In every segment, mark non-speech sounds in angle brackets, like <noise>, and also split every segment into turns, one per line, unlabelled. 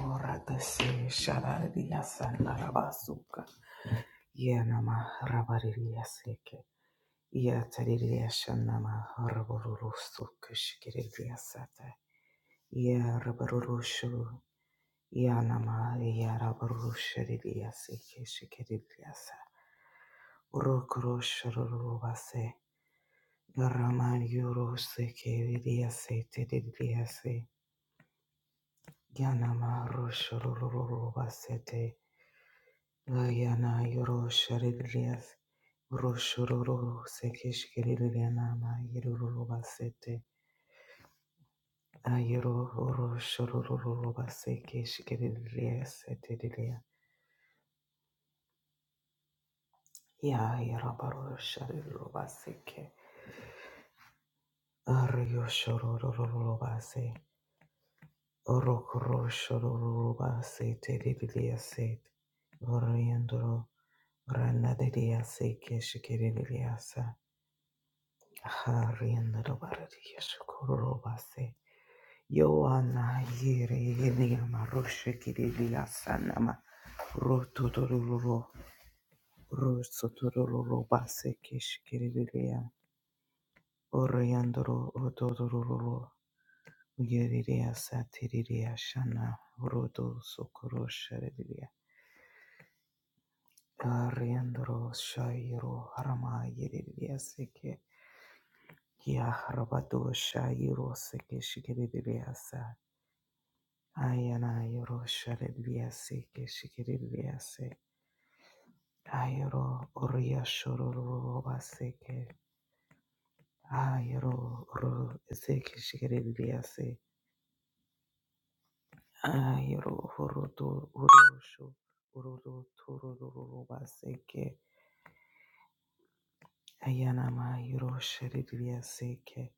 Oratasi sharariya sandarabasuka yenama rabariya seke yatariya shanama raburusu kushkiriya sata ya raburushu yanama ya raburushiriya seke shikiriya sa urokurushurubase Rama yoro seke riya se te riya se yanama rushurubase Ayana yoro sharidrias, roshororo sekeshkiriana ma yoro basete, ayoro oro shororo basekeshkirias etedilia, ya yarabaro sharidro baseke, aryo shororo base, orokoro shororo base tedilia set, oriendoro, rana dedia Harienda barati yeshkorobase. Yoana yere elia maroshe kirilia sanama. Rototororo. Rosotororo base kishkirilia. Oriandoro rototororo. Yerilia satirilia shana. Roto sokorosha rilia. Ariandoro shairo harama yerilia seke. Ya Rabadosha Yuroseke Shikiriasa Ayana Yorosha Rebiaseke Shikiriase Ayro Uria Shorobaseke Ayro Ru Seke Shikiriase Ayro Hurutu Urushu Ururu Turubaseke Ayanama Yorosha Rebiaseke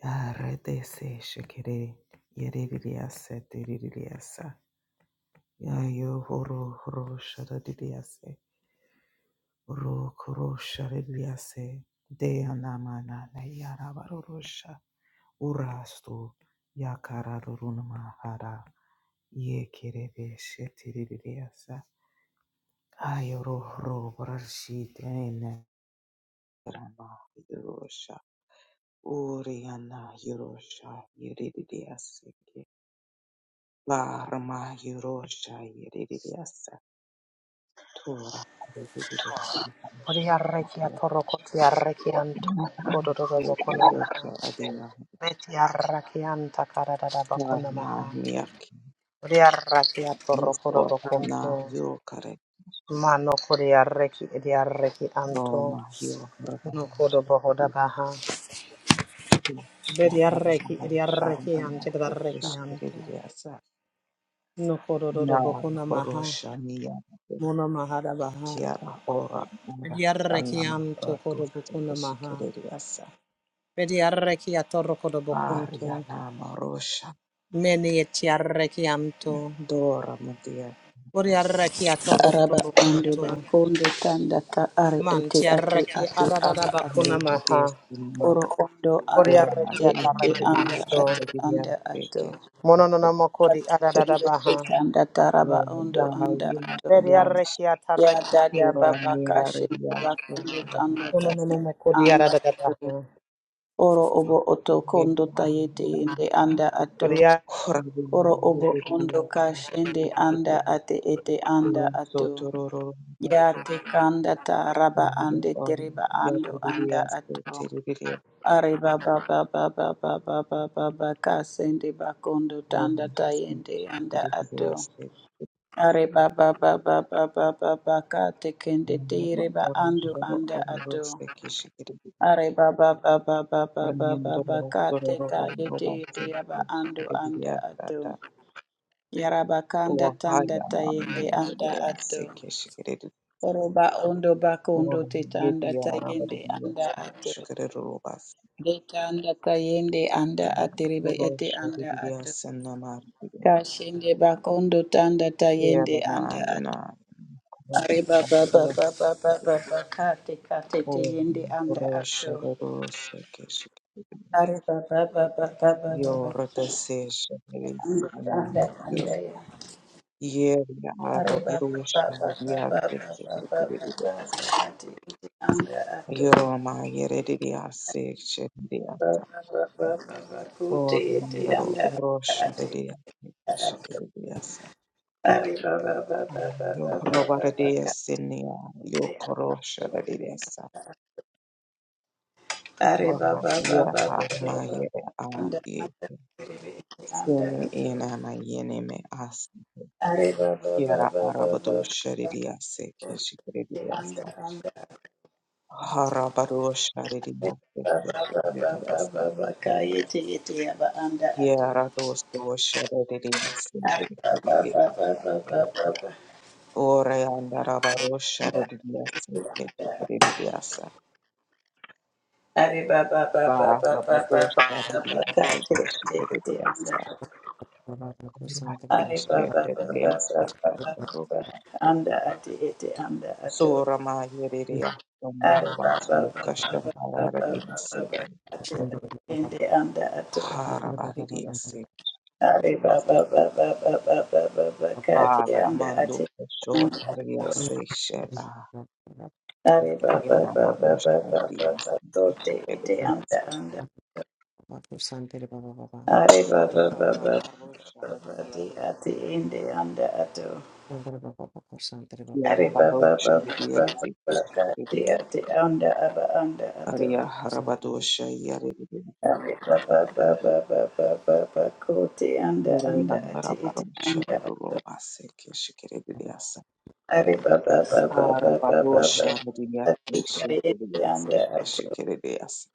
Aredese Shikiri Yeridiasa Diridiasa Yayo horo horo shara didiase. Ro koro shara didiase. Deya namana na yara varorosha. Urastu yakara rurunama hara. Ye kerebe shetiri didiasa. Ayo ro horo varashi tene. Rama yorosha. Uriana yorosha yeridiase. La rama yorosha
Odiarreki atorokoti arrekianto kodododo bakuna maha. Beti arrakianta karadada bakuna maha. Odiarraki atorokodo bakunto. Mano kodiarreki ediarreki anto. Nukodo bohoda baha. Bediarreki ediarreki ante kadarreki anto. Nukodododo bakuna maha. Muna mahada baha. Bediarreki anto kodo bakuna maha. Bediarreki atorokodo bakunto. Mene ti arrechianto, ori arrechiato
Araba ando
rocodoboconto,
bakondo tanda ta are
man
ete
ti
ate
arrechi
ate
adadada
aba ato.
bacuna maha,
Ndiyadesima
Oro ondo anda
ori
ate
arrechiata
ete anda ate
arrechianto,
anda ato.
mononamaco di
Ate
adadada
tondo te
baha,
tanda taraba ondo anda ato.
veri arrechiata
Ya dada
arrechianto,
baba kashe bakondo tanda ta
mononamaco di
anda
adadada
ato. Oro obo oto kondo tayete ende anda ato.
baha,
Oro obo ondo kashende anda ate ete anda ato. Ya te kanda ta raba ande tereba ando anda ato. Areba ba ba ba ba ba ba ba ba ba ka sende bakondo tanda tayende anda ato. Areba ba ba ba ba ba ba ba ka te kende tereba ando anda ato. Areba ba ba ba ba ba ba ba ba
Remiandoro
ka te
Zororo
tayete
Robanse
tereba ando anda
Shikiriya
ato.
Tata
Yaraba kanda
O
tanda
Haya
tayende anda
Miriya
ato.
Seke Shikiri
Oroba ondo bakondo
Or
tetanda
Yedia
tayende
Rabadiya
anda ato.
Shikiri Robas
Detanda tayende anda
Ina
aterebe ete
Rosh
anda
Ridiya
ato.
Senamar
Kashende bakondo tanda tayende anda
Yerana
ato.
Yana
Areba baba baba baba bakate kate
O
tayende anda
Rosh
ato.
Rodo Seke Shikiri
Areba baba baba baba baba.
Yor Dase Shikiri
Anda
Sana
anda
Yor
anda ya.
Yedia
Areba
Rabadiya
baba baba baba baba
Shikiri
baba kate ete anda ato.
Yoroma Yeredia Seksha Diata
Baba baba baba kote
or
ete
Nandro
anda
Rosha
ate
Redia Shikiriasa
are baba baba baba baba baba
Yoprobadia Sinia
kate ato
Yokorosha Rediasa
are baba baba
Yapa
baba baba
Mayere
anda
Adi
anda kerebe ete anda
Sini
ato
Inama me As
are baba
Yara
baba baba
Arabado
baba
Sharidia
ete anda
Sekeshikiriasa
anda
Harabaru Sharidia
baba baba baba
Sekeshikiriasa
baba kayete ete aba anda ato
Yaradosto Sharadidia
are baba
Sikiridia
baba baba baba
Ore Andarabaro Sharadidia Sikiridiasa
Ari baba baba
Ba
baba
Rabado
baba baba kati
Sharidia
ba ba ba ba te anda
Sikiridiasa
ate.
Kura
Ari baba baba baba
Sikiridiasa
baba
Tandarova
baba ba ba ba anda ate ete anda ato.
Surama Yeridia
Ari baba
Sundavasu
baba baba baba
Kashataradiasa
baba ba ba ba ba ba anda ato.
Harabaridia Sikiridia
Ari baba baba baba baba baba
Sandra
kati
Ba
ba ba anda
Ramando
ate
Kashor
anda
Haridia
ato.
Seyshel
Ari baba
Yenda
baba baba
marusha
baba baba ba
hadithi
ba so anda
keshekeliyasa.
anda Ari baba
Shana
baba
Marusha
baba di
Didiasi.
ati indi anda ato.
Yara
Ari baba
barusha
baba baba
hadithi
baba di
keshekeliyasa.
ati anda aba anda ato.
Arya harabadosha yareliyasa.
Ari baba baba baba baba kuti anda
Murela
anda
ndara
ati iti
barusha
anda ato.
derulobase keshekeliyasa.
Ari baba baba baba baba
Harabadosha hadithi
ati iti indi
keshekeliyasa
anda ato.
keshekeliyasa.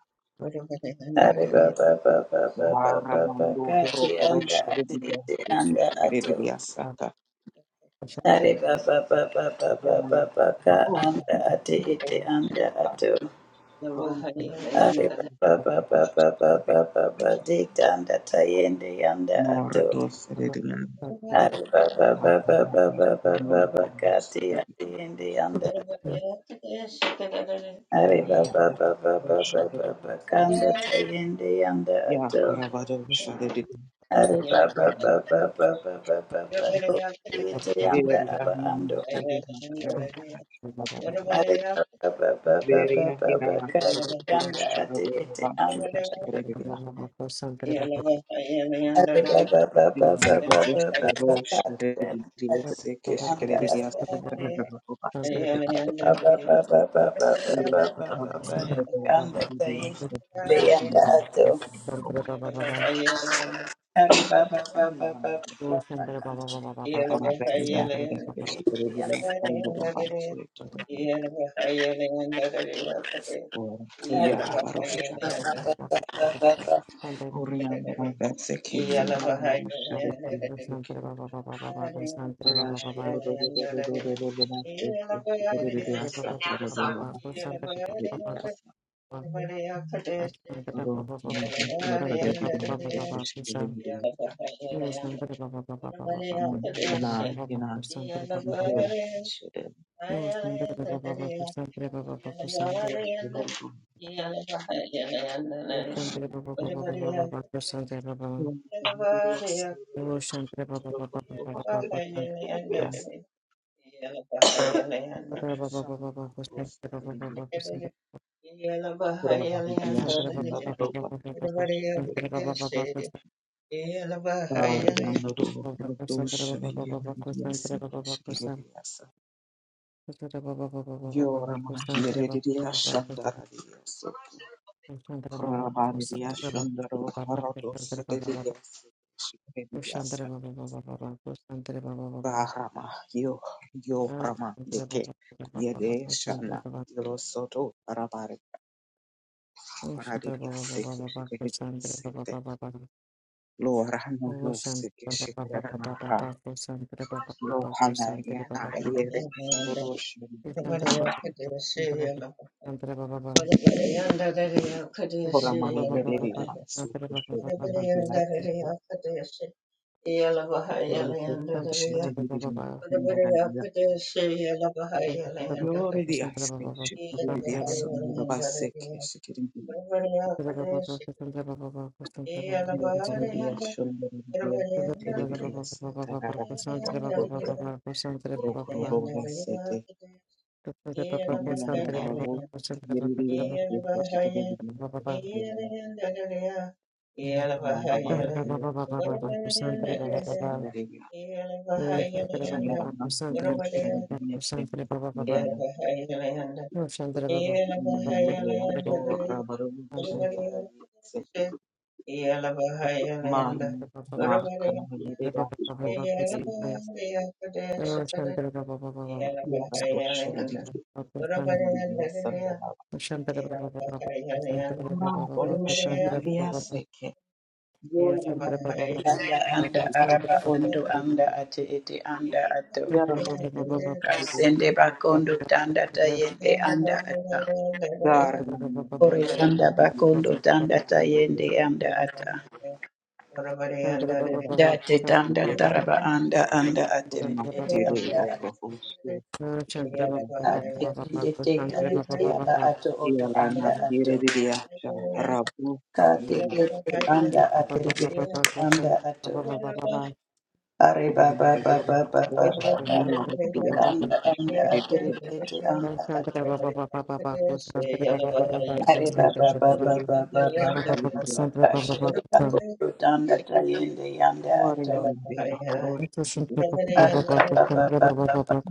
Ari baba baba baba
Vara
baba
mandu horo
kati anda
kurusha
ati iti
hadithi
anda ato.
keshekeliyasa.
Ari baba baba baba
Yana.
baba ka anda ate ete anda
Oh,
ato. Ari baba baba baba baba bade anda tayende yanda
More
ato.
dorsal than
Ari baba baba baba
Yakarabadono
baba baka te ate yende yanda ato. Ari baba baba baba baba kanda tayende yanda ato.
Yakarabado Shadid
Yeah.
Ari baba baba baba baba baba ko ete yanda aba ando Are baba, baba, baba, ba
Veria
ba ba ba
Hirana
anda ati iti
Hirosharova
anda.
Kishikaridiako.
Are baba,
The
baba, baba, baba, ba
Mangodesto
ba ba
Rosh Rediose
anda
Kishikaridias
ati
Yeah.
Robatse
baba baba baba baba baba
Ura
ba ba ba
Hebo
anda tayi anda
Shidias
anda ato. Are baba, ba ba ba ba ba ba ka ti anda. Are ba ba ba
Baba
Yeah.
Shantre Baba Baba Baba Baba Shantre Baba Baba Baba Shantre
Lord, I know no sick shit that I know how. No, I know here.
Baba Baba
Lord, Lord, she
Shantra Baba Shantra Baba Shantra Baba Baba
Ora
Shantra
mai
Baba Baba
vedere su
Shantra Baba
questo
Baba
di
Shantra
arte,
Yeah.
ora c'è
Baba
te di
Baba
andare via. Io ore di
Shantra
aste,
Baba Baba Shantra Baba Baba Shantra Baba Baba
c'è di di asso, mi da basse che se che
Shantra Baba Baba Shantra Baba Baba Shantra Baba Baba Shantra Baba Baba Baba Baba Baba Shantra
Muriyandararo yeririya yekuchikerebiya yedu marama yekoro shiribiya
Baba Baba
sanderebiya
Shantra
kiyarama yedu shiribiya tebiya yeriya do rabaru shiriyarabiya se man na kana
Yeah.
yeriya so yeriya se kiyarama shiribiya yekuchikerebiya sandara kura boru shiribiya seke yorama yeriya
anda anda
shiribiya
araba ondo anda ati iti
Yeah.
anda ato.
Yara mandhari yenye
Kasende bakondo tanda tayende anda ata.
gari la
Ore
maonyesho
anda bakondo
lililoegeshwa kando
tanda tayende anda ata.
ya majengo
Date tanda taraba anda anda aterebe ete anda ata.
kuruhusu
Santra
kuingia ndani.
Atekende teta ete aba ato oto
Yara
anda
na
ato.
yeridiasha rabu
Kate
lina
ete anda aterebe ete anda ato. Are baba
umiliki
baba baba
na
baba.
mila ya kushikililia
Anda anda aterebe ete anda ato. Are baba baba baba baba
kushikililia kushikililia
baba. Kashende bakondo tanda tayende anda
bora
ato.
na
Koshende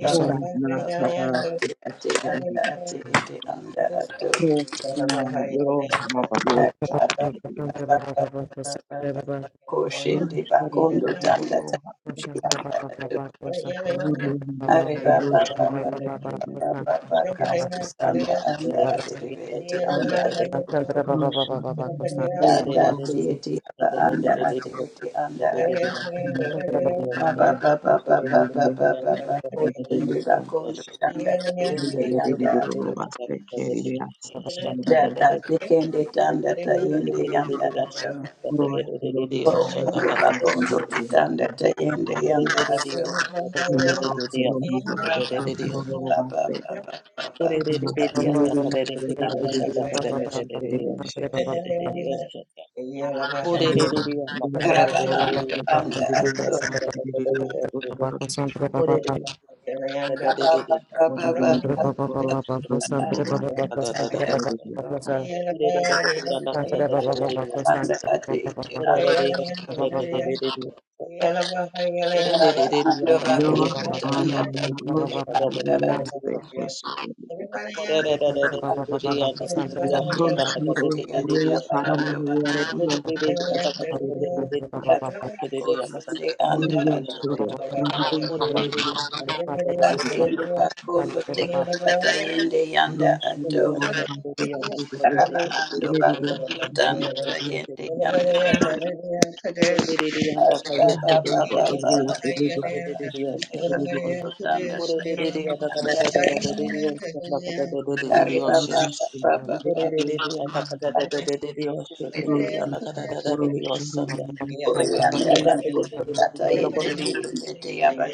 bora na kadhaa kushikililia Krishna Guru Prabhu Chaturya Krishna Guru
bakondo
Baba, Guru
tanda tanda ado
Guru Guru
are baba
Krishna Guru
baba
Baba, Guru
baba
Krishna Guru Baba,
kasi sanda anda aterebe ete anda
Santre Baba Baba Baba Santre
Guru Chaturya Krishna Guru
aga
Baba
ete aba anda ate ete anda ate
Baba
baba baba baba baba baba koshende bakondo tanda tende
Yeah,
Baba,
yanda
Yeah.
Baba
Data tikende tanda tayende yanda ato. Orokondo bakondo tikanda tayende yanda ato.
Shut
Guru
Baba
Chaturya
baba
Kore
baba
re re re
Ah,
re
baba
re. Naka
gloria,
re re re re
gloria, gloria, statue,
re.
gloria.
Santre Baba
Kore re re re
Mero,
re re.
Sandra
Naka re
gloria,
re
baba
re
gloria,
re
anda
statue,
anda
gloria,
ato.
statue, gloria,
re.
sondoro,
Kore re re
statue.
re re re. Naka re re re re re. Kore re re re re re.
Baba baba baba
Morgendo, corroce, gloria,
Naka re re
statue,
anda
gloria,
ato.
statue.
re re re.
Anda ate ite
Kore re
anda ato.
re re re re. Naka re re re re re. Kore re re re
Baba
re re.
ando
Naka re re
bakondo
Yora,
tanda
ana,
tayende
maroche,
re re
anda
gloria,
Everybody out
ato.
re.
there,
statue, gloria.
everybody out
Ore
there,
Bakondo
everybody out there, everybody
Roche,
tanda
ro,
tayende
ro, para,
yanda
gloria,
ato.
gloria, statue, gloria,
Baba
statue.
Baba Baba
Babakoshende anda
Gloria,
ato
Thank
sore, gloria, gloria,
out
gloria.
bakende bakondo tekanda tayende yanda
Roche,
ato
ro, ro, ro, statue, gloria.
baba ando
Thank
bakondo tanda tayende yanda
there,
ato baba baba baba bakondo tanda tayende yanda kare baba baba
Ore
baba baba tende uri yanda
everybody
bakondo tata yende tende te yaba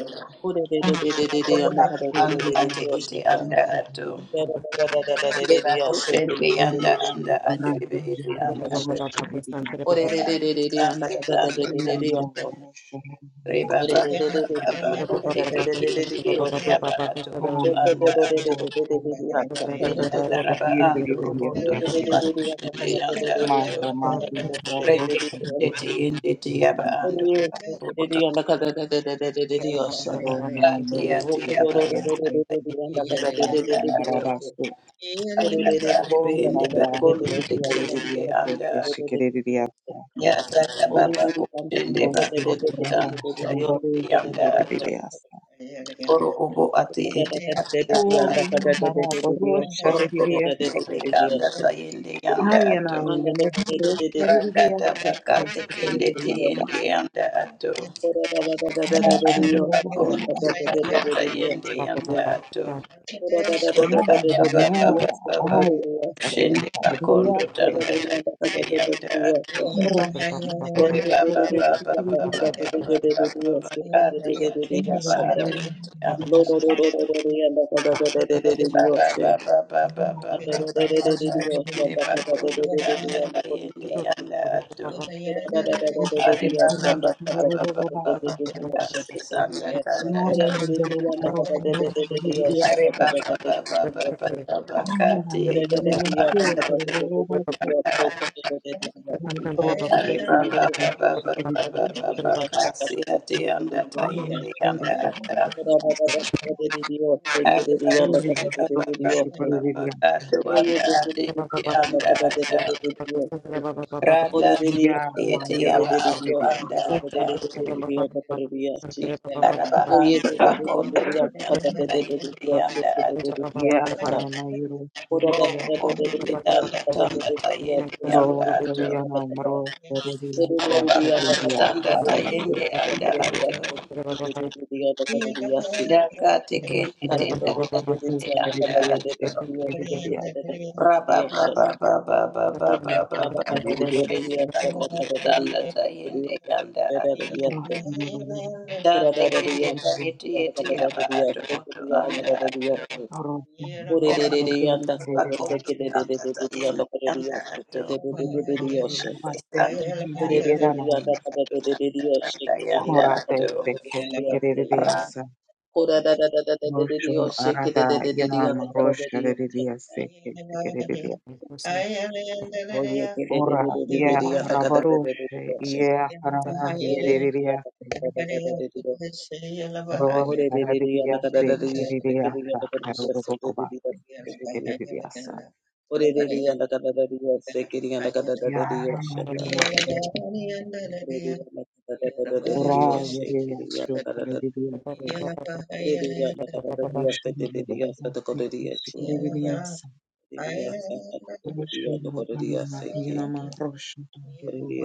ando ate ete anda ato Yeba koshende yanda anda aterebe ete anda anda anda anda reba ba
Yeah,
ba ba ba koteke ete ete yaba ato oto anda ato benda taraba ando robondo
you.
topa koshende yanda ato
Mamba mate rotos
rete kete
kiriya
ende te yaba
None
ando
kiriya
oto
ro na
ate
yero
ate yaba
kiriya
anda ete ete
kiriya
anda
kamara
ato
basto
anda
ro
tarebe ende
kana
bakondo
ro
teke
kiriya
anda
ke shikiriya
Yataka baba kushende
ro shi
bako
rata
mutanda
robaro
tayende yanda ato.
kiriya
Oro obo ate ete ate ata
puri
ato.
mara ro
Oro obo
kiriya ke
obe kanda tayende yanda
ayana
ato.
yeno ro kiriya
Rakata baka
ke
of
tekende
kiriya
the
tayende yanda ato.
Dios,
Ya ando akonde
ro
tekanda tayende yanda ato.
I am
Ori
a.
baba baba baba
I am
baba.
a. I
Shende bakondo tanda tayende yanda ato.
am
Ore baba baba baba
a.
baba baba baba ati ati aba ati ati aba. Ore baba baba baba baba baba baba shinde bakondo kanda
Yeah.
kayende yanda ato. Ore baba baba baba baba kasi sanda tanda
Dios,
tanda. Ore baba baba baba baba kati ati aba anda
I
tara. Ore baba baba baba baba baba kasi ati anda tayende yanda ata. Tanda
am a.
you.
Yeah, my hero, Shavidiya.
Koye de de de de de de da da da de de de de aşık de de de de de
Yeah,
da da
Karama, hero,
Kora da da
Shavidiya.
da da de de de de da da da de de de de aşık de de
Ro,
de
Shaviyana, Mro, Shavidiya, Shavidiya, Haravaru,
tayende anda
Shavidiya.
ato. Daka
Yeah.
My
tekende tenda
hero, Ritu,
tayende anda
Yellow,
Shavidiya,
ato.
Shavidiya, Shavidiya.
Raba ba ba ba ba ba ba
Ro,
ba ba ba
Shavidiya, Shavidiya,
Thank
kushende kakunde tanda
de
tayende yanda
de da
ato
da
Ro, Shavidiya, Shavidiya, Ro,
da
Shavidiya,
tekende
Shavidiya,
tayete
Ro,
yete yaba ato oto anda ato
Yes, Ore ore ore de
ora
de de yanda kada de
pakondo
de de
tanda
de yoshe ke de de yanda
tayende
kada
yanda ato isanda
Shavidiya,
tayete
Shavidiya,
tanda yanda
Korate
ato
de de de de de
sekesi
yoshe.
Ra-
kereliyasa.
Kora da da da da da de de de
Rosho
yoshe ke de de
arada
de de de yanda
yanama
kada de de
rosho
yoshanda.
reliyase kesi kereliya.
Oye ke de de
Ora
de de de de
ye
de yanda kada de de de de
rabaroshe
yoshanda.
ye harama
De de de de yanda
yereliyase.
kada da da da de de yoshanda. Ore
Rosho
de de de yanda kada
reliyase
da de de yoshe ke de
kereliyasa.
yanda kada
Karobobobase
Yeah.
kesi kereliyasa.
Orererereyanda kayesekerererereyanda korereyashekererereyashanda. Orererereyanda kadererereyashekerereyanda kadererereyase. Korererereyashekererereyanda kadererereyashanda. Oyekerererereyanda kadererereyashanda. Orererereyanda kadererereyashanda. Orererereyanda kadererereyashekerereyanda kadererereyashanda. Orererereyanda
Ya harama
kadererereyashekerereyanda kadererereyashanda.
yerose.
Orelia
Ora
shake
yereliyasho
it
kereliyase. Rosho reliyase kesi Хорошо, Анна, Юнама, хорошо, там люблю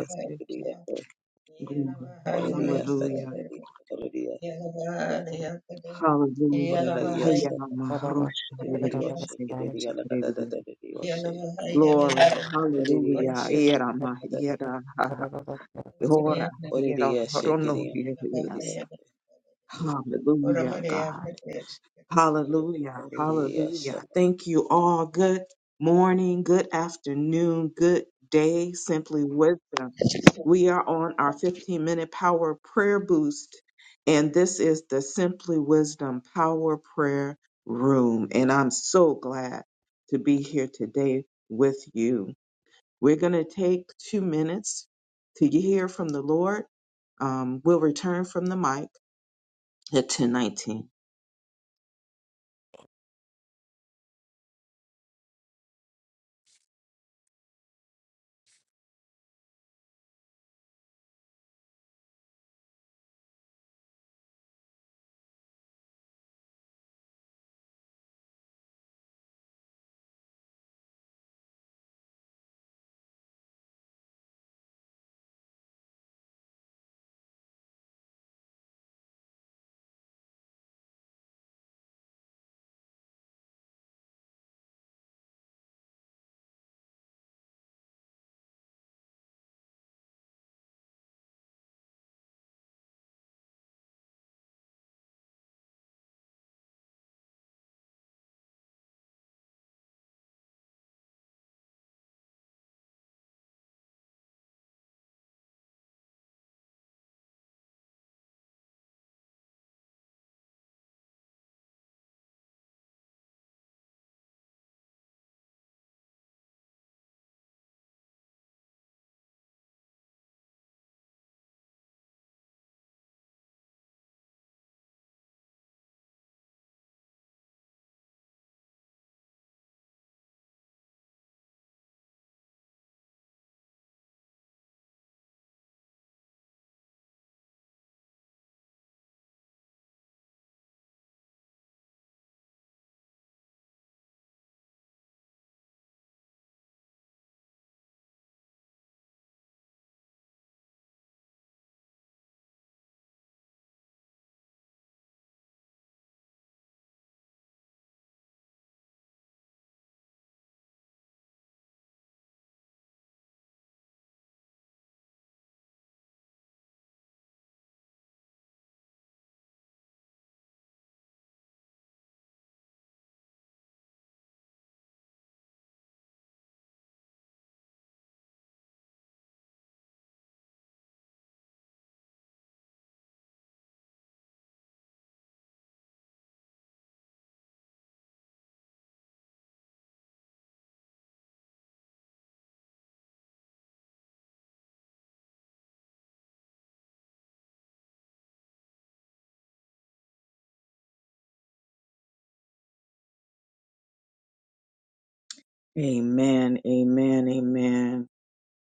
Glory, Hallelujah, Hallelujah, Hayanama, Rosha, Reveria, Seke, Shikereveria. Glory, Hallelujah, Irama, Ira, Ora, Ira, Rono, Hallelujah, God. Hallelujah. Hallelujah.
in.
Thank you all. Good morning, good afternoon, good day, simply wisdom. We are on our 15 minute power prayer boost, and this is the Simply Wisdom Power Prayer Room. And I'm so glad to be here today with you. We're going to take two minutes to hear from the Lord. Um, we'll return from the mic at 1019. Amen, amen, amen.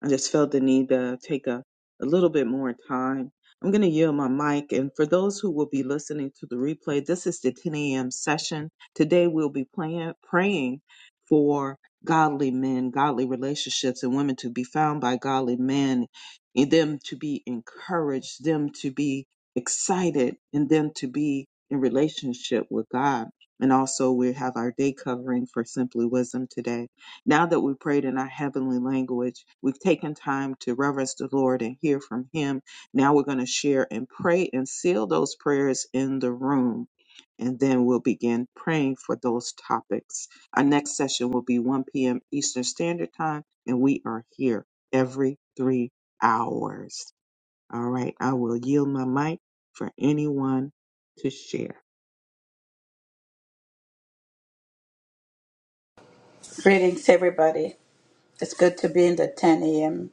I just felt the need to take a, a little bit more time. I'm going to yield my mic. And for those who will be listening to the replay, this is the 10 a.m. session. Today we'll be playing, praying for godly men, godly relationships, and women to be found by godly men, and them to be encouraged, them to be excited, and them to be in relationship with God. And also, we have our day covering for Simply Wisdom today. Now that we prayed in our heavenly language, we've taken time to reverence the Lord and hear from Him. Now we're going to share and pray and seal those prayers in the room. And then we'll begin praying for those topics. Our next session will be 1 p.m. Eastern Standard Time, and we are here every three hours. All right, I will yield my mic for anyone to share.
Greetings everybody. It's good to be in the 10 a.m.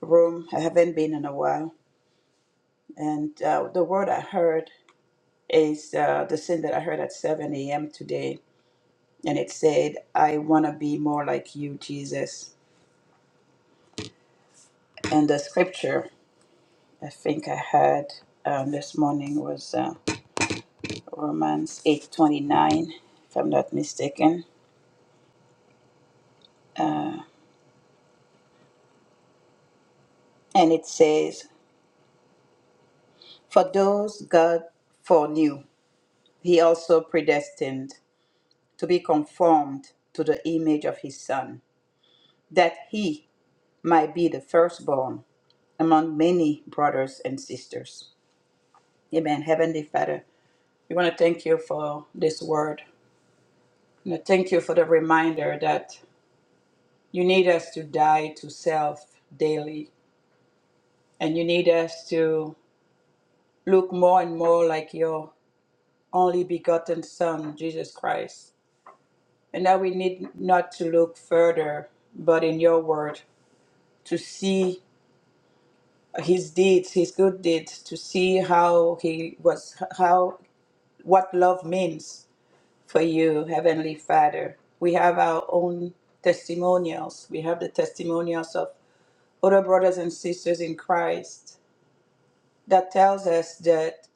room. I haven't been in a while. And uh, the word I heard is uh, the sin that I heard at 7 a.m. today. And it said, I want to be more like you, Jesus. And the scripture I think I had um, this morning was uh, Romans 8:29, if I'm not mistaken. And it says, For those God foreknew, he also predestined to be conformed to the image of his Son, that he might be the firstborn among many brothers and sisters. Amen. Heavenly Father, we want to thank you for this word. We want to thank you for the reminder that you need us to die to self daily. And you need us to look more and more like your only begotten Son, Jesus Christ. And that we need not to look further, but in your word, to see his deeds, his good deeds, to see how he was, how, what love means for you, Heavenly Father. We have our own testimonials. We have the testimonials of other brothers and sisters in Christ that tells us that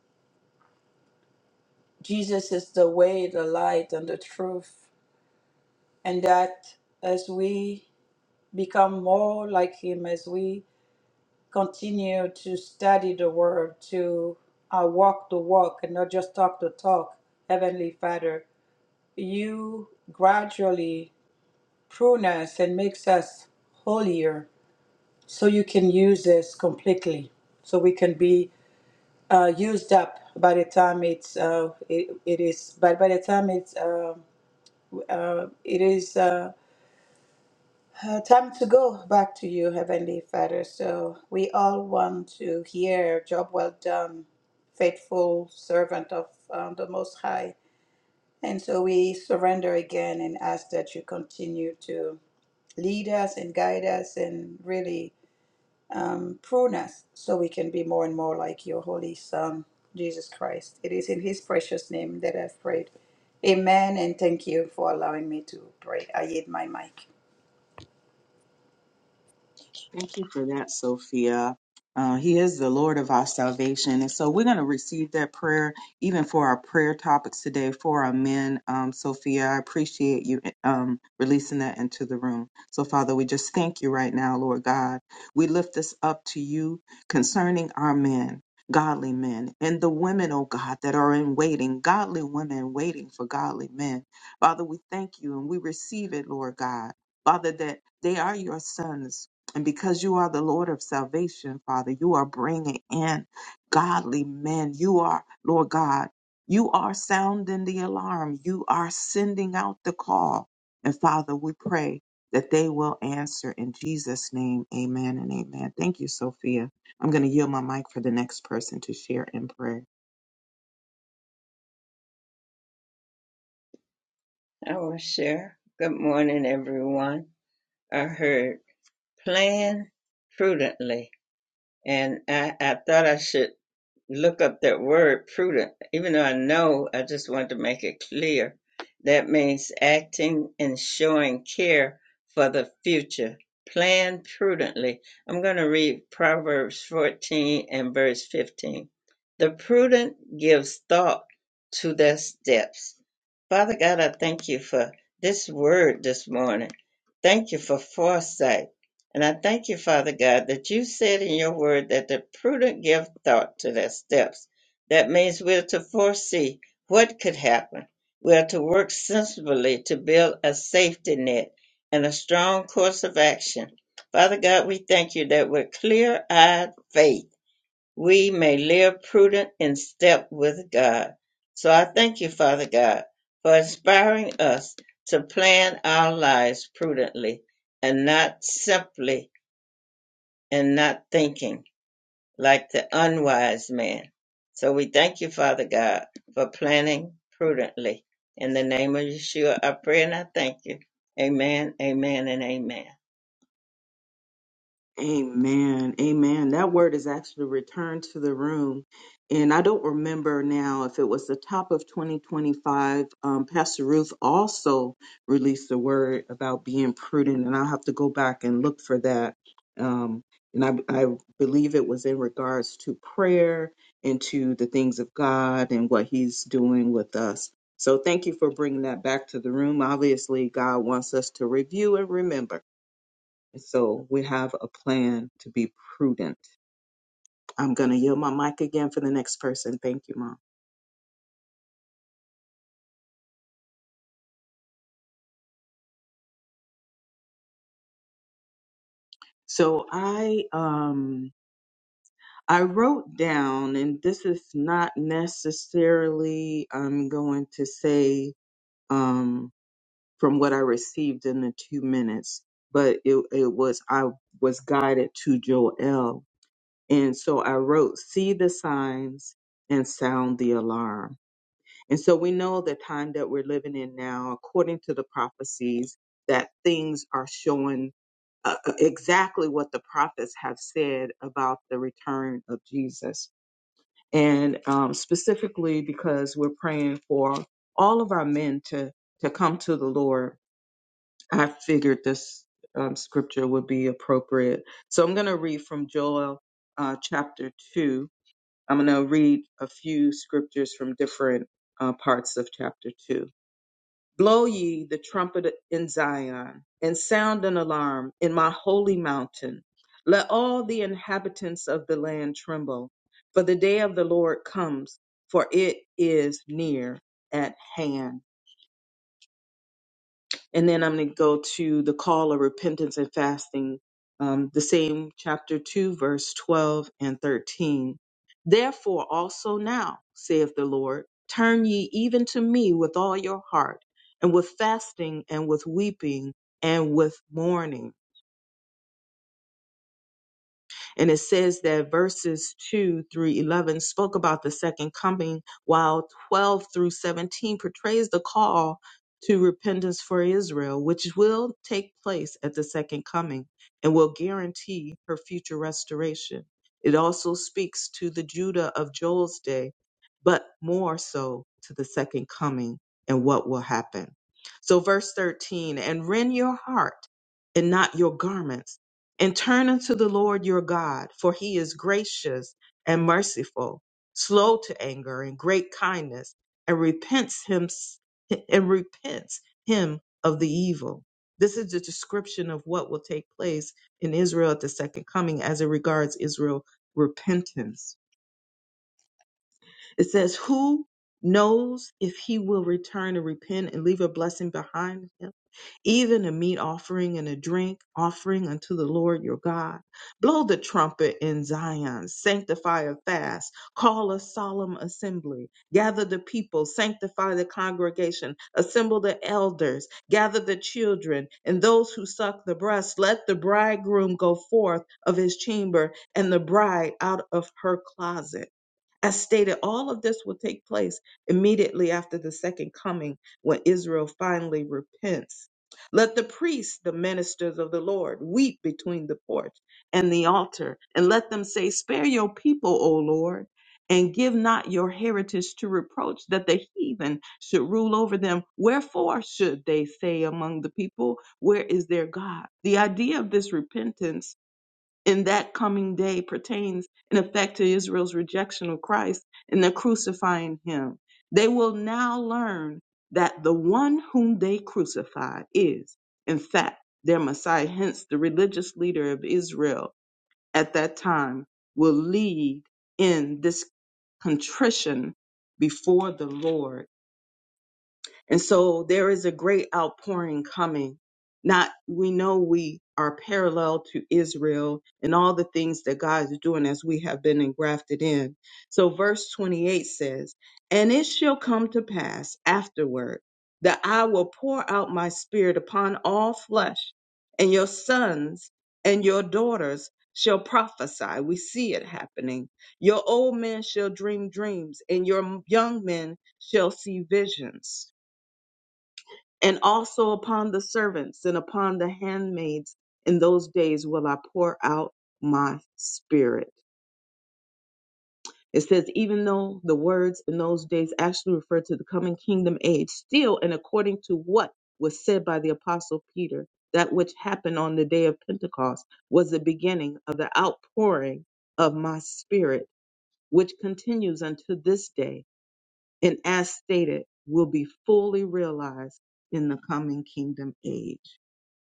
Jesus is the way, the light, and the truth, and that as we become more like Him, as we continue to study the Word, to uh, walk the walk and not just talk the talk, Heavenly Father, you gradually prunus and makes us holier so you can use this completely so we can be uh, used up by the time it's uh, it, it is but by the time it's uh, uh, it is uh, uh, time to go back to you heavenly father so we all want to hear job well done faithful servant of um, the most high and so we surrender again and ask that you continue to lead us and guide us and really um, prune us so we can be more and more like your holy Son, Jesus Christ. It is in his precious name that I've prayed. Amen, and thank you for allowing me to pray. I yield my mic.
Thank you for that, Sophia. Uh, he is the Lord of our salvation. And so we're going to receive that prayer, even for our prayer topics today for our men. Um, Sophia, I appreciate you um, releasing that into the room. So, Father, we just thank you right now, Lord God. We lift this up to you concerning our men. Godly men and the women, oh God, that are in waiting, godly women waiting for godly men. Father, we thank you and we receive it, Lord God. Father, that they are your sons and because you are the Lord of salvation, Father, you are bringing in godly men. You are, Lord God, you are sounding the alarm. You are sending out the call. And Father, we pray that they will answer in Jesus' name. Amen and amen. Thank you, Sophia. I'm going to yield my mic for the next person to share in prayer.
I will share. Good morning, everyone. I heard plan prudently, and I, I thought I should look up that word prudent. Even though I know, I just wanted to make it clear. That means acting and showing care for the future. Plan prudently. I'm going to read Proverbs 14 and verse 15. The prudent gives thought to their steps. Father God, I thank you for this word this morning. Thank you for foresight. And I thank you, Father God, that you said in your word that the prudent give thought to their steps. That means we're to foresee what could happen. We are to work sensibly to build a safety net and a strong course of action. Father God, we thank you that with clear eyed faith, we may live prudent in step with God. So I thank you, Father God, for inspiring us to plan our lives prudently and not simply and not thinking like the unwise man. So we thank you, Father God, for planning prudently. In the name of Yeshua, I pray and I thank you. Amen, amen, and amen.
Amen. Amen. That word is actually returned to the room. And I don't remember now if it was the top of 2025. Um, Pastor Ruth also released a word about being prudent, and I'll have to go back and look for that. Um, and I, I believe it was in regards to prayer and to the things of God and what He's doing with us. So thank you for bringing that back to the room. Obviously, God wants us to review and remember. So we have a plan to be prudent. I'm going to yield my mic again for the next person. Thank you, mom. So I um I wrote down and this is not necessarily I'm going to say um from what I received in the 2 minutes, but it it was I was guided to Joel. And so I wrote see the signs and sound the alarm And so we know the time that we're living in now, according to the prophecies, that things are showing uh, uh, exactly what the prophets have said about the return of Jesus. And um, specifically because we're praying for all of our men to, to come to the Lord, I figured this um, scripture would be appropriate. So I'm going to read from Joel uh, chapter 2. I'm going to read a few scriptures from different uh, parts of chapter 2. Blow ye the trumpet in Zion, and sound an alarm in my holy mountain. Let all the inhabitants of the land tremble, for the day of the Lord comes, for it is near at hand. And then I'm going to go to the call of repentance and fasting, um, the same chapter 2, verse 12 and 13. Therefore also now, saith the Lord, turn ye even to me with all your heart, and with fasting, and with weeping, and with mourning and it says that verses 2 through 11 spoke about the second coming, while 12 through 17 portrays the call to repentance for Israel, which will take place at the second coming and will guarantee her future restoration. It also speaks to the Judah of Joel's day, but more so to the second coming and what will happen. So, verse 13, and rend your heart and not your garments and turn unto the Lord your God, for he is gracious and merciful, slow to anger and great kindness, and repents him and repents him of the evil. This is the description of what will take place in Israel at the second coming as it regards Israel repentance. It says, Who knows if he will return and repent and leave a blessing behind him? even a meat offering and a drink offering unto the Lord your God. Blow the trumpet in Zion, sanctify a fast, call a solemn assembly, gather the people, sanctify the congregation, assemble the elders, gather the children and those who suck the breast. Let the bridegroom go forth of his chamber and the bride out of her closet. As stated, all of this will take place immediately after the second coming when Israel finally repents. Let the priests, the ministers of the Lord, weep between the porch and the altar, and let them say, Spare your people, O Lord, and give not your heritage to reproach, that the heathen should rule over them. Wherefore should they say among the people, Where is their God? The idea of this repentance in that coming day pertains in effect to Israel's rejection of Christ and the crucifying him. They will now learn that the one whom they crucified is, in fact, their Messiah. Hence, the religious leader of Israel at that time will lead in this contrition before the Lord and so there is a great outpouring coming. Not, we know we are parallel to Israel and all the things that God is doing as we have been engrafted in. So verse 28 says, And it shall come to pass afterward that I will pour out my spirit upon all flesh, and your sons and your daughters shall prophesy. We see it happening. Your old men shall dream dreams, and your young men shall see visions. And also upon the servants and upon the handmaids in those days will I pour out my spirit. It says, even though the words in those days actually refer to the coming kingdom age, still, and according to what was said by the apostle Peter, that which happened on the day of Pentecost was the beginning of the outpouring of my spirit, which continues unto this day, and as stated, will be fully realized in the coming kingdom age.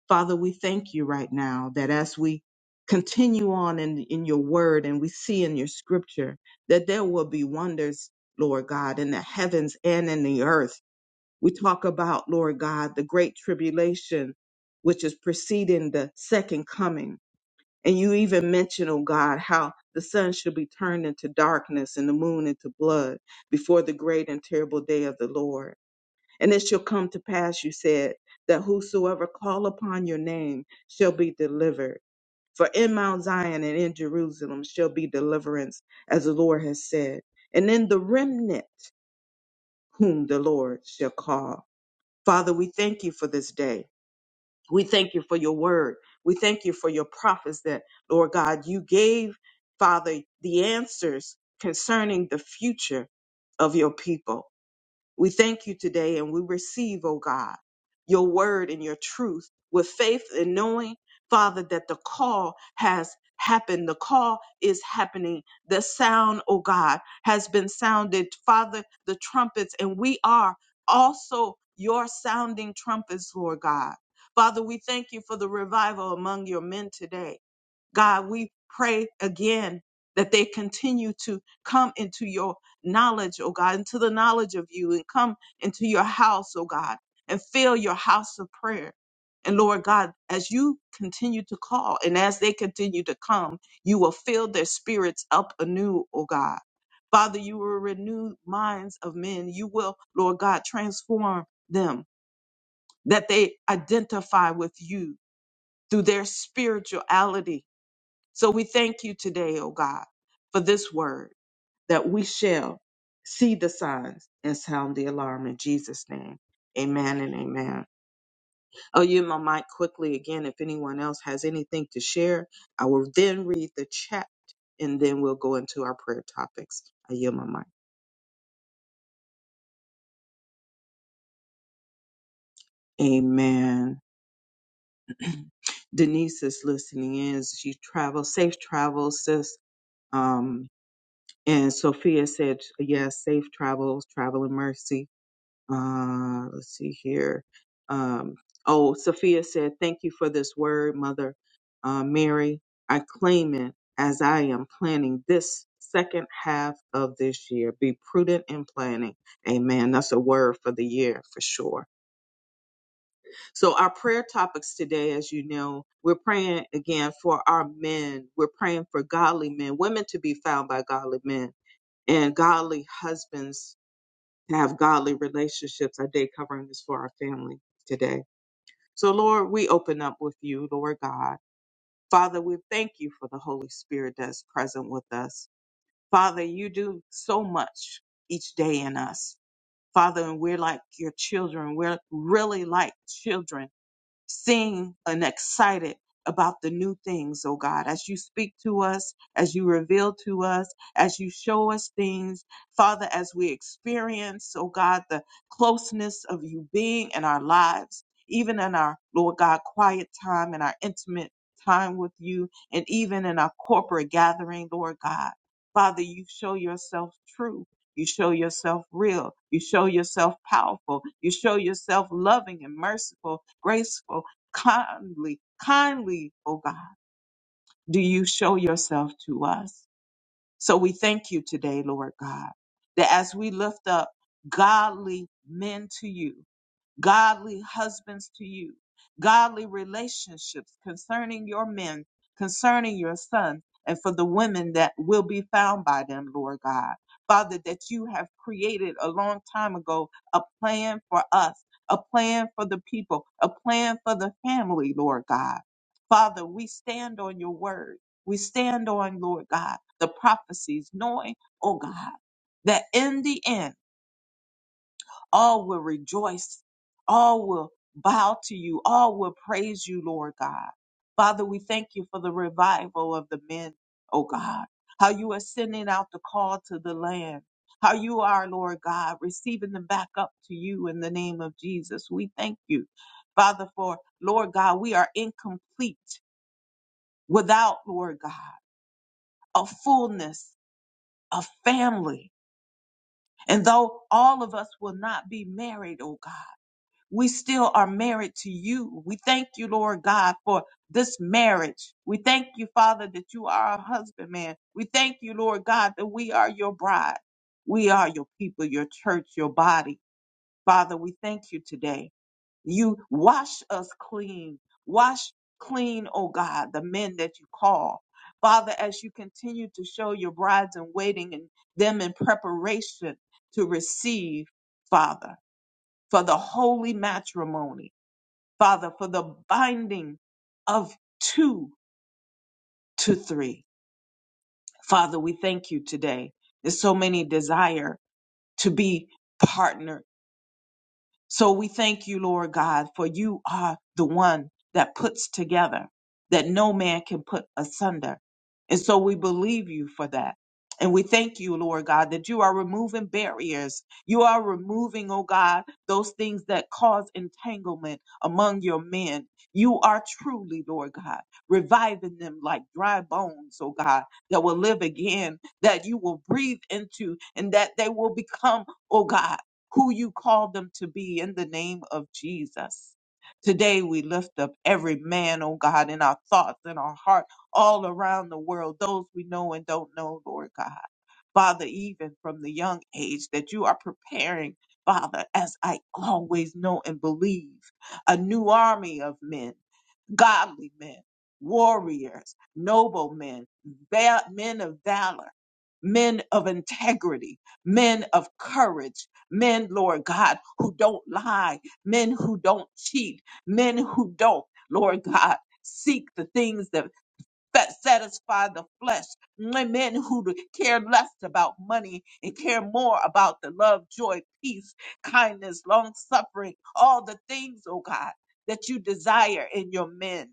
Father, we thank you right now that as we continue on in, in your word and we see in your scripture that there will be wonders, Lord God, in the heavens and in the earth. We talk about, Lord God, the great tribulation, which is preceding the second coming. And you even mention, oh God, how the sun shall be turned into darkness and the moon into blood before the great and terrible day of the Lord. And it shall come to pass, you said, that whosoever call upon your name shall be delivered. For in Mount Zion and in Jerusalem shall be deliverance, as the Lord has said, and in the remnant whom the Lord shall call. Father, we thank you for this day. We thank you for your word. We thank you for your prophets that, Lord God, you gave, Father, the answers concerning the future of your people. We thank you today and we receive, O God, your word and your truth with faith and knowing, Father, that the call has happened. The call is happening. The sound, O God, has been sounded. Father, the trumpets, and we are also your sounding trumpets, Lord God. Father, we thank you for the revival among your men today. God, we pray again that they continue to come into your knowledge, oh God, into the knowledge of you and come into your house, oh God, and fill your house of prayer. And Lord God, as you continue to call and as they continue to come, you will fill their spirits up anew, oh God. Father, you will renew minds of men. You will, Lord God, transform them that they identify with you through their spirituality so we thank you today, O God, for this word that we shall see the signs and sound the alarm in Jesus' name. Amen and amen. I'll use my mic quickly again. If anyone else has anything to share, I will then read the chat and then we'll go into our prayer topics. I yield my mic. Amen. <clears throat> Denise is listening in. as She travels. Safe travels, sis. Um, and Sophia said, yes, safe travels, travel in mercy. Uh, let's see here. Um, oh, Sophia said, Thank you for this word, Mother uh, Mary. I claim it as I am planning this second half of this year. Be prudent in planning. Amen. That's a word for the year for sure. So, our prayer topics today, as you know, we're praying again for our men. We're praying for godly men, women to be found by godly men and godly husbands to have godly relationships. I did covering this for our family today. So, Lord, we open up with you, Lord God. Father, we thank you for the Holy Spirit that's present with us. Father, you do so much each day in us. Father, and we're like your children. We're really like children sing and excited about the new things, oh God, as you speak to us, as you reveal to us, as you show us things, Father, as we experience, oh God, the closeness of you being in our lives, even in our, Lord God, quiet time and our intimate time with you, and even in our corporate gathering, Lord God. Father, you show yourself true. You show yourself real. You show yourself powerful. You show yourself loving and merciful, graceful, kindly, kindly, oh God. Do you show yourself to us? So we thank you today, Lord God, that as we lift up godly men to you, godly husbands to you, godly relationships concerning your men, concerning your sons, and for the women that will be found by them, Lord God. Father, that you have created a long time ago a plan for us, a plan for the people, a plan for the family, Lord God. Father, we stand on your word. We stand on, Lord God, the prophecies, knowing, oh God, that in the end, all will rejoice. All will bow to you. All will praise you, Lord God. Father, we thank you for the revival of the men, oh God. How you are sending out the call to the land. How you are, Lord God, receiving them back up to you in the name of Jesus. We thank you, Father, for Lord God, we are incomplete without, Lord God, a fullness, a family. And though all of us will not be married, oh God. we still are married to you. We thank you, Lord God, for this marriage. We thank you, Father, that you are our husbandman. We thank you, Lord God, that we are your bride. We are your people, your church, your body. Father, we thank you today. You wash us clean. Wash clean, oh God, the men that you call. Father, as you continue to show your brides in waiting and them in preparation to receive, Father, for the holy matrimony. Father, for the binding of two to three. Father, we thank you today. There's so many desire to be partnered So we thank you, Lord God, for you are the one that puts together, that no man can put asunder. And so we believe you for that. And we thank you, Lord God, that you are removing barriers. You are removing, oh God, those things that cause entanglement among your men. You are truly, Lord God, reviving them like dry bones, oh God, that will live again, that you will breathe into, and that they will become, oh God who you called them to be in the name of Jesus. Today we lift up every man, oh God, in our thoughts and our heart, all around the world, those we know and don't know, Lord God. Father, even from the young age that you are preparing, Father, as I always know and believe, a new army of men godly men, warriors, noblemen, va- men of valor, men of integrity, men of courage, men, Lord God, who don't lie, men who don't cheat, men who don't, Lord God, seek the things that that satisfy the flesh. Men who care less about money and care more about the love, joy, peace, kindness, long suffering, all the things, oh God, that you desire in your men.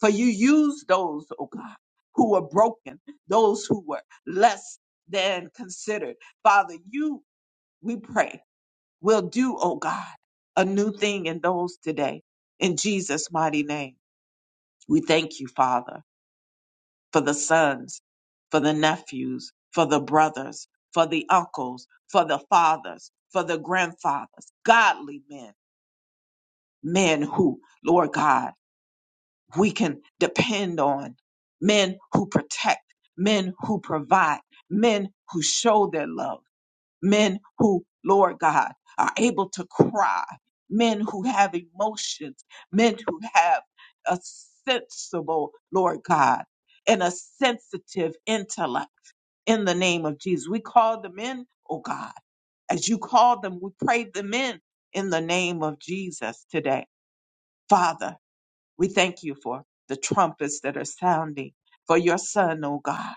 For you use those, oh God, who were broken, those who were less than considered. Father, you, we pray, will do, oh God, a new thing in those today. In Jesus' mighty name, we thank you, Father, for the sons, for the nephews, for the brothers, for the uncles, for the fathers, for the grandfathers, godly men, men who, Lord God, we can depend on men who protect, men who provide, men who show their love, men who, Lord God, are able to cry, men who have emotions, men who have a sensible, Lord God, and a sensitive intellect in the name of Jesus. We call them in, oh God, as you called them, we prayed them in in the name of Jesus today. Father, we thank you for the trumpets that are sounding for your son, O God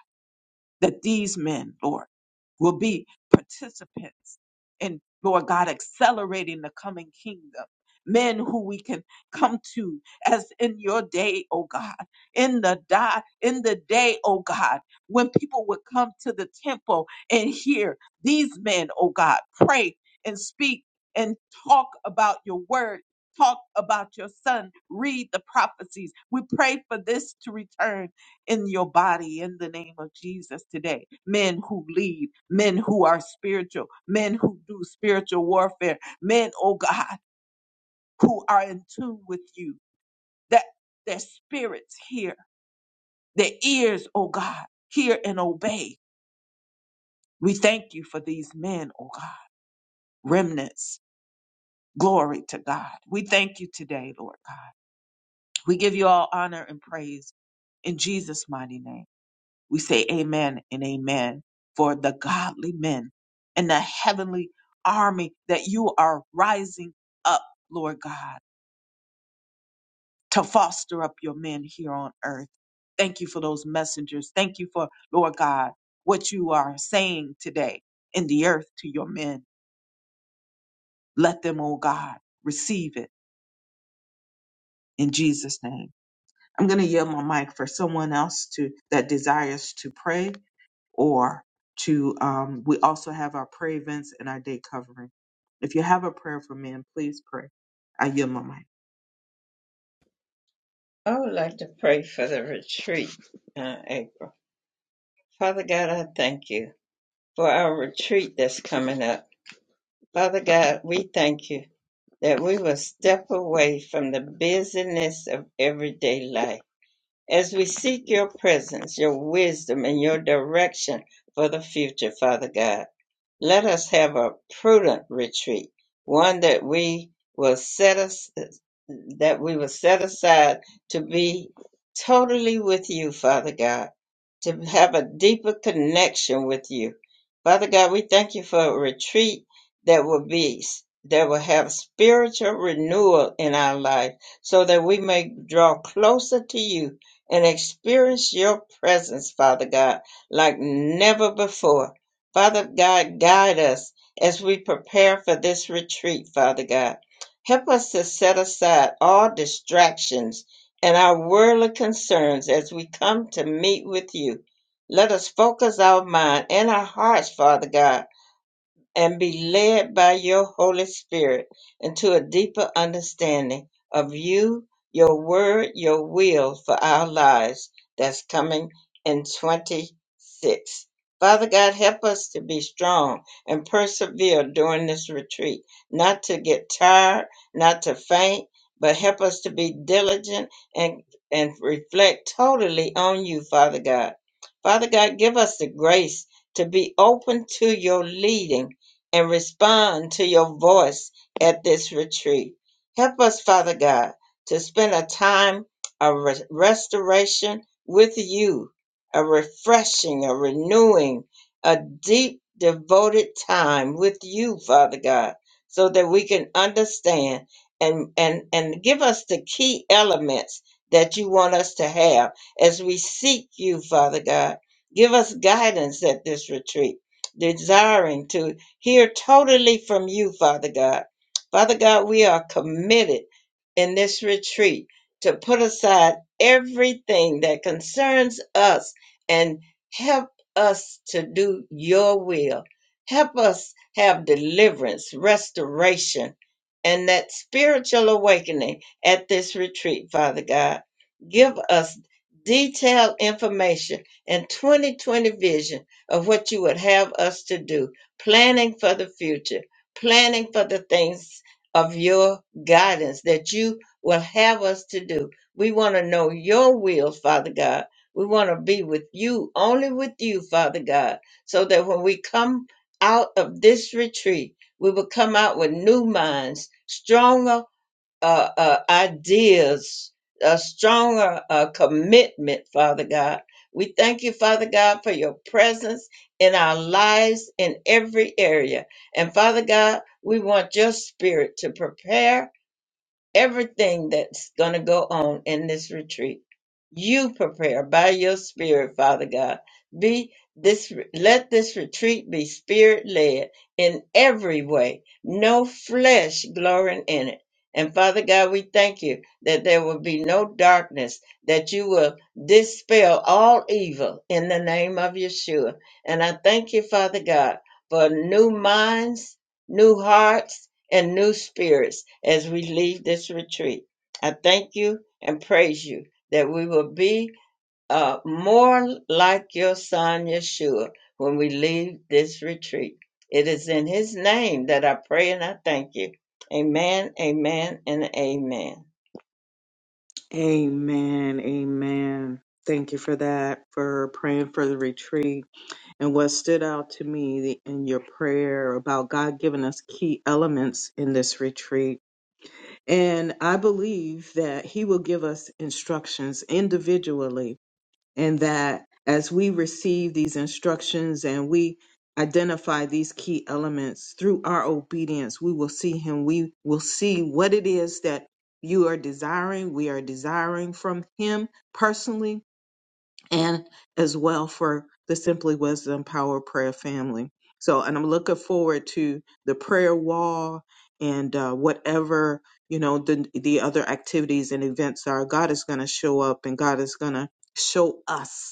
that these men, Lord, will be participants in, Lord God, accelerating the coming kingdom. Men who we can come to as in your day, oh God, in the die, in the day, oh God, when people would come to the temple and hear these men, oh God, pray and speak and talk about your word, talk about your son, read the prophecies. We pray for this to return in your body in the name of Jesus today. Men who lead, men who are spiritual, men who do spiritual warfare, men, oh God, who are in tune with you, that their spirits hear, their ears, oh God, hear and obey. We thank you for these men, oh God, remnants. Glory to God. We thank you today, Lord God. We give you all honor and praise in Jesus' mighty name. We say amen and amen for the godly men and the heavenly army that you are rising up, Lord God, to foster up your men here on earth. Thank you for those messengers. Thank you for, Lord God, what you are saying today in the earth to your men. Let them, oh God, receive it in Jesus' name. I'm going to yield my mic for someone else to that desires to pray or to um, we also have our prayer events and our day covering. If you have a prayer for men, please pray. I yield my mic.
I would like to pray for the retreat, uh, April. Father God, I thank you for our retreat that's coming up. Father God, we thank you that we will step away from the busyness of everyday life as we seek your presence, your wisdom, and your direction for the future, Father God. Let us have a prudent retreat, one that we will set us that we will set aside to be totally with you, Father God, to have a deeper connection with you. Father God, we thank you for a retreat that will be that will have spiritual renewal in our life so that we may draw closer to you and experience your presence, Father God, like never before. Father God, guide us as we prepare for this retreat, Father God. Help us to set aside all distractions and our worldly concerns as we come to meet with you. Let us focus our mind and our hearts, Father God and be led by your Holy Spirit into a deeper understanding of you, your word, your will for our lives that's coming in 26. Father God, help us to be strong and persevere during this retreat, not to get tired, not to faint, but help us to be diligent and, and reflect totally on you, Father God. Father God, give us the grace to be open to your leading and respond to your voice at this retreat. Help us, Father God, to spend a time of re- restoration with you, a refreshing, a renewing, a deep, devoted time with you, Father God, so that we can understand and, and, and give us the key elements that you want us to have as we seek you, Father God. Give us guidance at this retreat, desiring to hear totally from you, Father God. Father God, we are committed in this retreat to put aside everything that concerns us and help us to do your will. Help us have deliverance, restoration, and that spiritual awakening at this retreat, Father God. Give us detailed information and 2020 vision of what you would have us to do planning for the future, planning for the things of your guidance that you will have us to do. We want to know your will, Father God. We want to be with you, only with you, Father God, so that when we come out of this retreat, we will come out with new minds, stronger uh, uh, ideas, a stronger uh, commitment, Father God. We thank you, Father God, for your presence in our lives in every area. And Father God, we want your spirit to prepare everything that's going to go on in this retreat. You prepare by your spirit, Father God. Be this let this retreat be spirit led in every way, no flesh glorying in it. And Father God, we thank you that there will be no darkness, that you will dispel all evil in the name of Yeshua. And I thank you, Father God, for new minds, new hearts, and new spirits as we leave this retreat. I thank you and praise you that we will be uh, more like your son Yeshua when we leave this retreat. It is in his name that I pray and I thank you. Amen, amen, and amen.
Amen. Amen. Thank you for that, for praying for the retreat. And what stood out to me in your prayer about God giving us key elements in this retreat. And I believe that He will give us instructions individually and that as we receive these instructions and we identify these key elements through our obedience, we will see Him. We will see what it is that you are desiring. We are desiring from Him personally and as well for the Simply Wisdom Power Prayer family. So, and I'm looking forward to the prayer wall and uh, whatever you know the the other activities and events are. God is going to show up, and God is going to show us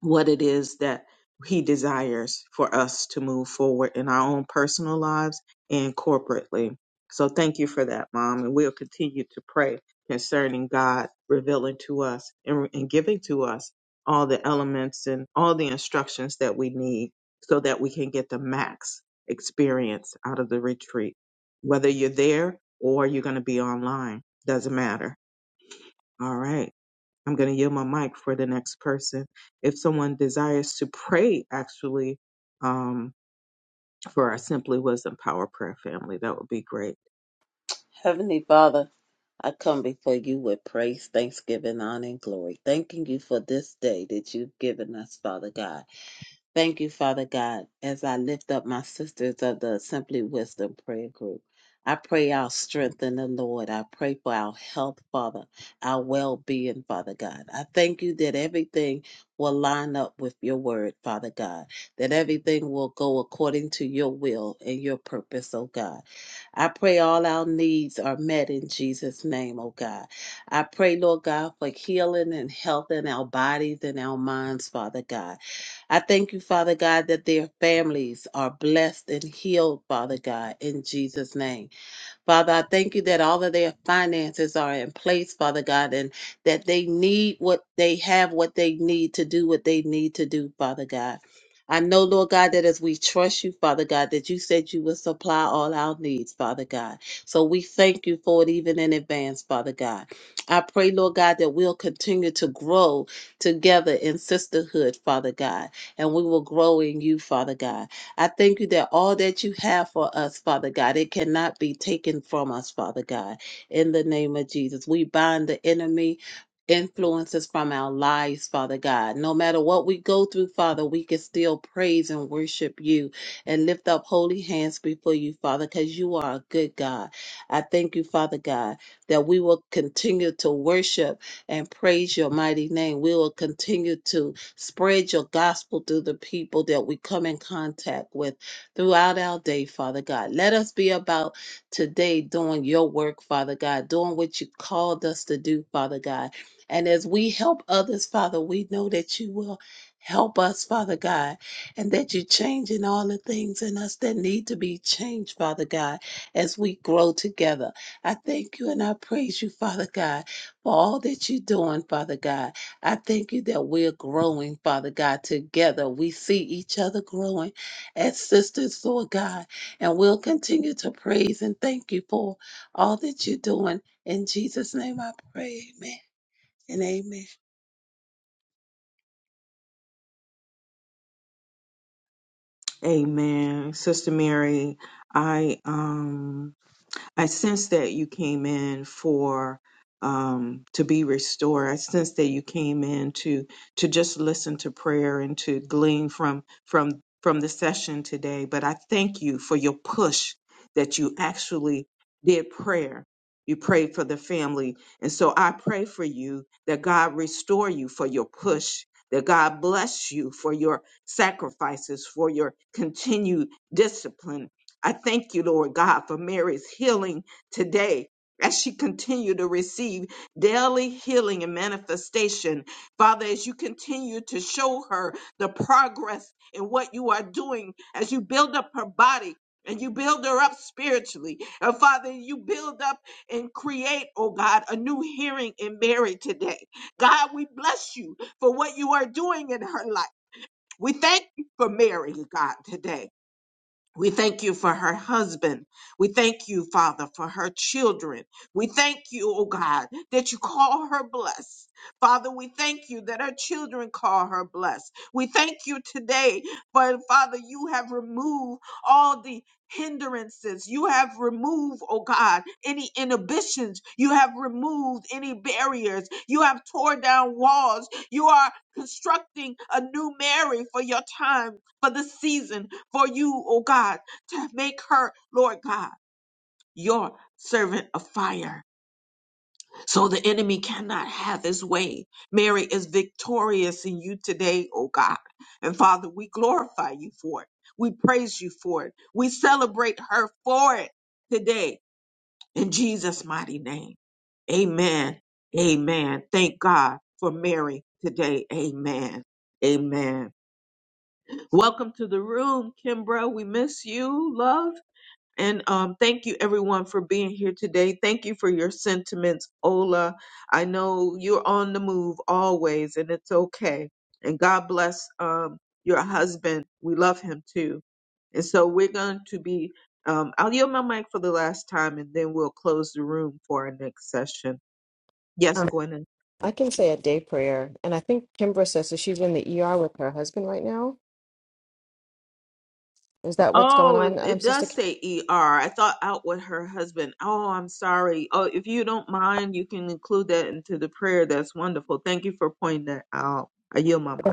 what it is that he desires for us to move forward in our own personal lives and corporately. So thank you for that, Mom. And we'll continue to pray concerning God revealing to us and, and giving to us all the elements and all the instructions that we need so that we can get the max experience out of the retreat. Whether you're there or you're going to be online, doesn't matter. All right. I'm going to yield my mic for the next person. If someone desires to pray, actually, um, for our Simply Wisdom Power Prayer family, that would be great.
Heavenly Father, I come before you with praise, thanksgiving, honor, and glory, thanking you for this day that you've given us, Father God. Thank you, Father God, as I lift up my sisters of the Simply Wisdom Prayer Group. I pray our strength in the Lord. I pray for our health, Father, our well being, Father God. I thank you that everything will line up with your word, Father God, that everything will go according to your will and your purpose, oh God. I pray all our needs are met in Jesus' name, oh God. I pray, Lord God, for healing and health in our bodies and our minds, Father God. I thank you, Father God, that their families are blessed and healed, Father God, in Jesus' name. Father, I thank you that all of their finances are in place, Father God, and that they need what they have, what they need to do, what they need to do, Father God. I know, Lord God, that as we trust you, Father God, that you said you will supply all our needs, Father God. So we thank you for it even in advance, Father God. I pray, Lord God, that we'll continue to grow together in sisterhood, Father God, and we will grow in you, Father God. I thank you that all that you have for us, Father God, it cannot be taken from us, Father God. In the name of Jesus, we bind the enemy. Influences from our lives, Father God. No matter what we go through, Father, we can still praise and worship you and lift up holy hands before you, Father, because you are a good God. I thank you, Father God, that we will continue to worship and praise your mighty name. We will continue to Spread your gospel through the people that we come in contact with throughout our day, Father God. Let us be about today doing your work, Father God, doing what you called us to do, Father God. And as we help others, Father, we know that you will help us, Father God, and that you're changing all the things in us that need to be changed, Father God, as we grow together. I thank you and I praise you, Father God, for all that you're doing, Father God. I thank you that we're growing, Father God, together. We see each other growing as sisters, Lord God, and we'll continue to praise and thank you for all that you're doing. In Jesus' name I pray, amen and amen.
Amen. Sister Mary, I. um I sense that you came in for um, to be restored. I sense that you came in to to just listen to prayer and to glean from from from the session today. But I thank you for your push that you actually did prayer. You prayed for the family, and so I pray for you that God restore you for your push. That God bless you for your sacrifices, for your continued discipline I thank you, Lord God, for Mary's healing today. As she continue to receive daily healing and manifestation, Father, as you continue to show her the progress in what you are doing, as you build up her body and you build her up spiritually, and Father, you build up and create, oh God, a new hearing in Mary today. God, we bless you for what you are doing in her life. We thank you for Mary, God, today. We thank you for her husband. We thank you, Father, for her children. We thank you, oh God, that you call her blessed. Father, we thank you that her children call her blessed. We thank you today for, Father, you have removed all the hindrances. You have removed, oh God, any inhibitions. You have removed any barriers. You have torn down walls. You are constructing a new Mary for your time, for the season for you, oh God, to make her, Lord God, your servant of fire. So the enemy cannot have his way. Mary is victorious in you today, oh God. And Father, we glorify you for it. We praise you for it. We celebrate her for it today in Jesus' mighty name. Amen. Amen. Thank God for Mary today. Amen. Amen. Welcome to the room, Kimbra. We miss you, love. And um, thank you, everyone, for being here today. Thank you for your sentiments, Ola. I know you're on the move always, and it's okay. And God bless um, your husband. We love him too. And so we're going to be, um, I'll yield my mic for the last time, and then we'll close the room for our next session. Yes, Gwen.
I can say a day prayer. And I think Kimbra says that she's in the ER with her husband right now. Is that what's going
Oh,
on,
it,
um,
it
Sister
does
Kimbra?
say ER. I thought out with her husband. Oh, I'm sorry. Oh, if you don't mind, you can include that into the prayer. That's wonderful. Thank you for pointing that out. I yield my mic.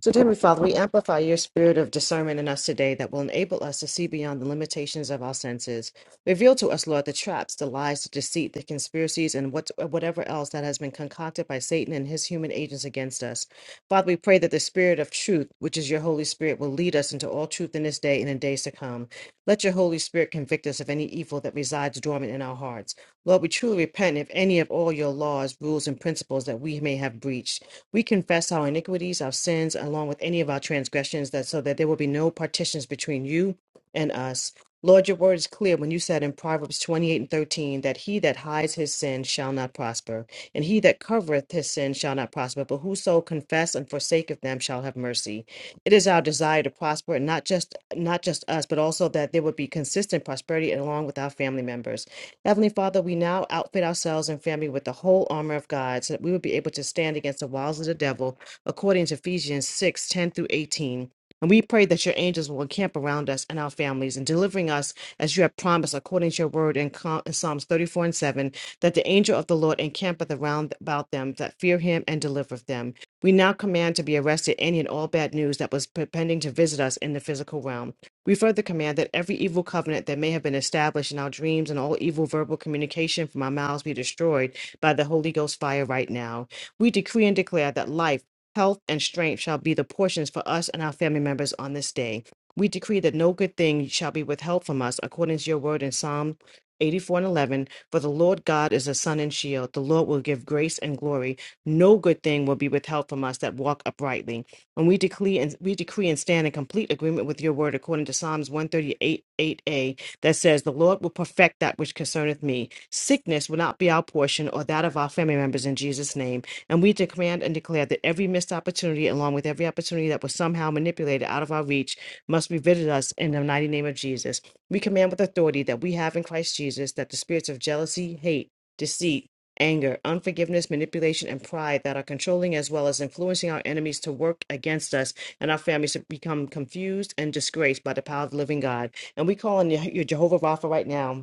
So, dear Heavenly Father, we amplify your spirit of discernment in us today that will enable us to see beyond the limitations of our senses. Reveal to us, Lord, the traps, the lies, the deceit, the conspiracies, and what, whatever else that has been concocted by Satan and his human agents against us. Father, we pray that the spirit of truth, which is your Holy Spirit, will lead us into all truth in this day and in days to come. Let your Holy Spirit convict us of any evil that resides dormant in our hearts. Lord, we truly repent if any of all your laws, rules, and principles that we may have breached. We confess our iniquities, our sins, along with any of our transgressions, that so that there will be no partitions between you and us. Lord, your word is clear when you said in Proverbs 28 and 13 that he that hides his sin shall not prosper, and he that covereth his sin shall not prosper, but whoso confess and forsaketh them shall have mercy. It is our desire to prosper, and not just not just us, but also that there would be consistent prosperity along with our family members. Heavenly Father, we now outfit ourselves and family with the whole armor of God so that we will be able to stand against the wiles of the devil, according to Ephesians 6:10 through 18. And we pray that your angels will encamp around us and our families and delivering us as you have promised according to your word in Com- in Psalms 34 and 7, that the angel of the Lord encampeth around about them that fear him and delivereth them. We now command to be arrested any and all bad news that was pretending to visit us in the physical realm. We further command that every evil covenant that may have been established in our dreams and all evil verbal communication from our mouths be destroyed by the Holy Ghost fire right now. We decree and declare that life, health, and strength shall be the portions for us and our family members on this day. We decree that no good thing shall be withheld from us, according to your word in Psalm 84 and 11. For the Lord God is a sun and shield. The Lord will give grace and glory. No good thing will be withheld from us that walk uprightly. And we decree and we decree and stand in complete agreement with your word according to Psalms 138, 8a, that says, The Lord will perfect that which concerneth me. Sickness will not be our portion or that of our family members in Jesus' name. And we command and declare that every missed opportunity, along with every opportunity that was somehow manipulated out of our reach, must be visited us in the mighty name of Jesus. We command with authority that we have in Christ Jesus that the spirits of jealousy, hate, deceit, anger, unforgiveness, manipulation, and pride that are controlling as well as influencing our enemies to work against us and our families to become confused and disgraced by the power of the living God. And we call on your Jehovah Rapha right now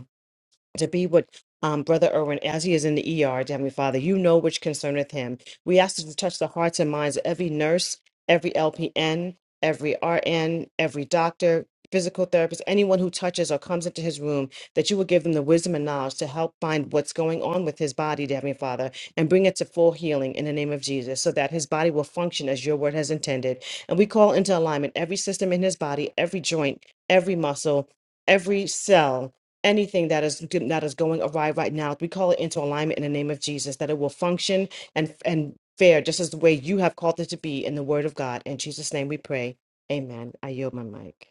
to be with um, Brother Irwin as he is in the ER, dear Heavenly Father. You know which concerneth him. We ask that you touch the hearts and minds of every nurse, every LPN, every RN, every doctor, physical therapist, anyone who touches or comes into his room, that you will give them the wisdom and knowledge to help find what's going on with his body, dear Heavenly Father, and bring it to full healing in the name of Jesus, so that his body will function as your word has intended. And we call into alignment every system in his body, every joint, every muscle, every cell anything that is that is going awry right now we call it into alignment in the name of jesus that it will function and and fare just as the way you have called it to be in the word of god in jesus name we pray amen i yield my mic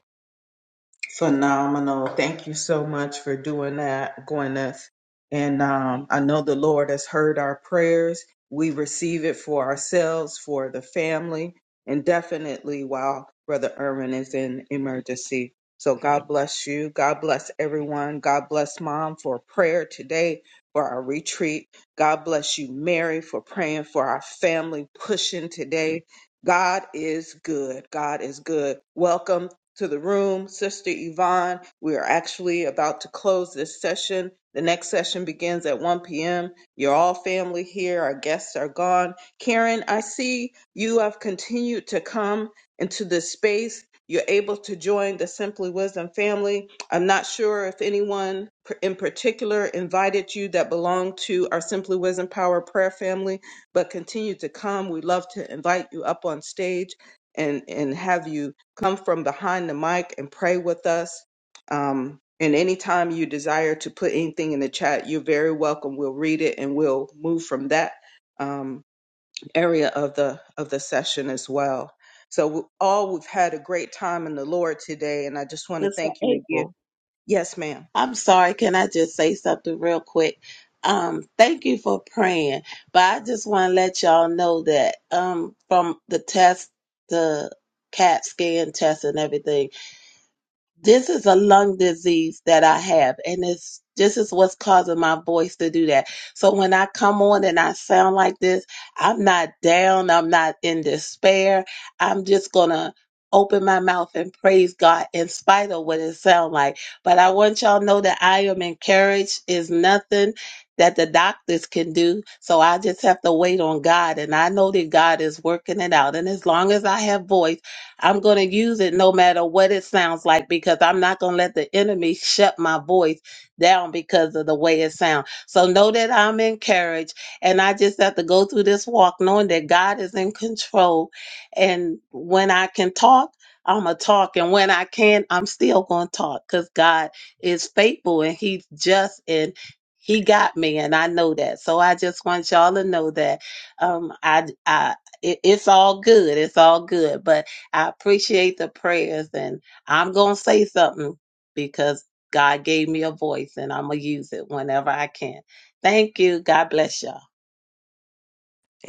Phenomenal. Thank you so much for doing that, Gwyneth. And um, I know the Lord has heard our prayers. We receive it for ourselves, for the family, and definitely while Brother Irwin is in emergency. So God bless you. God bless everyone. God bless Mom for prayer today for our retreat. God bless you, Mary, for praying for our family, pushing today. God is good. God is good. Welcome to the room, Sister Yvonne. We are actually about to close this session. The next session begins at 1 p.m. You're all family here. Our guests are gone. Karen, I see you have continued to come into this space. You're able to join the Simply Wisdom family. I'm not sure if anyone in particular invited you that belong to our Simply Wisdom Power Prayer family, but continue to come. We would love to invite you up on stage and and have you come from behind the mic and pray with us. Um, and anytime you desire to put anything in the chat, you're very welcome. We'll read it and we'll move from that um, area of the of the session as well. So we- all we've had a great time in the Lord today, and I just want to
Sister
thank you
April,
again. Yes, ma'am.
I'm sorry, can I just say something real quick? Um, thank you for praying, but I just want to let y'all know that um, from the test, the CAT scan test and everything, this is a lung disease that I have, and it's this is what's causing my voice to do that. So when I come on and I sound like this, I'm not down, I'm not in despair. I'm just gonna open my mouth and praise God in spite of what it sounds like. But I want y'all to know that I am encouraged is nothing that the doctors can do. So I just have to wait on God and I know that God is working it out. And as long as I have voice, I'm going to use it no matter what it sounds like because I'm not going to let the enemy <laughs> shut my voice down because of the way it sounds. So know that I'm encouraged and I just have to go through this walk knowing that God is in control. And when I can talk, I'm going to talk. And when I can, I'm still going to talk because God is faithful and He's just and He got me. And I know that. So I just want y'all to know that um, I, I, it, it's all good. It's all good. But I appreciate the prayers, and I'm gonna say something because God gave me a voice, and I'm gonna use it whenever I can. Thank you. God bless y'all.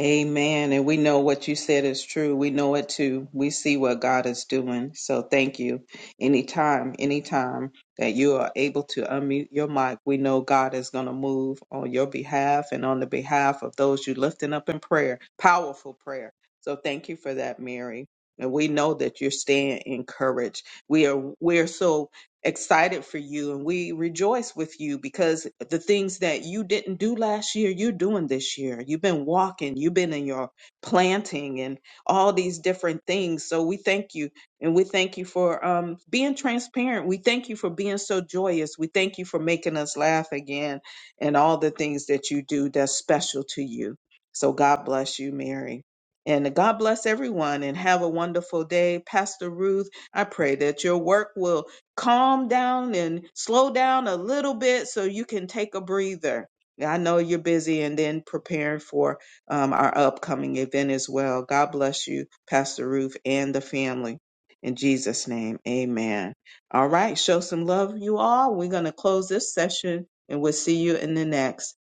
Amen. And we know what you said is true. We know it too. We see what God is doing. So thank you. Anytime, anytime that you are able to unmute your mic, we know God is going to move on your behalf and on the behalf of those you lifting up in prayer. Powerful prayer. So thank you for that, Mary. And we know that you're staying encouraged. We are we're so excited for you and we rejoice with you because the things that you didn't do last year, you're doing this year. You've been walking, you've been in your planting and all these different things. So we thank you and we thank you for um, being transparent. We thank you for being so joyous. We thank you for making us laugh again and all the things that you do that's special to you. So God bless you, Mary. And God bless everyone and have a wonderful day. Pastor Ruth, I pray that your work will calm down and slow down a little bit so you can take a breather. Yeah, I know you're busy and then preparing for um, our upcoming event as well. God bless you, Pastor Ruth, and the family. In Jesus' name, amen. All right, show some love, you all. We're going to close this session and we'll see you in the next.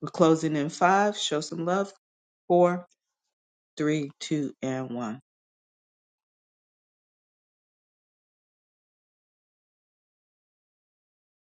We're closing in five. Show some love. Four, three, two, and one.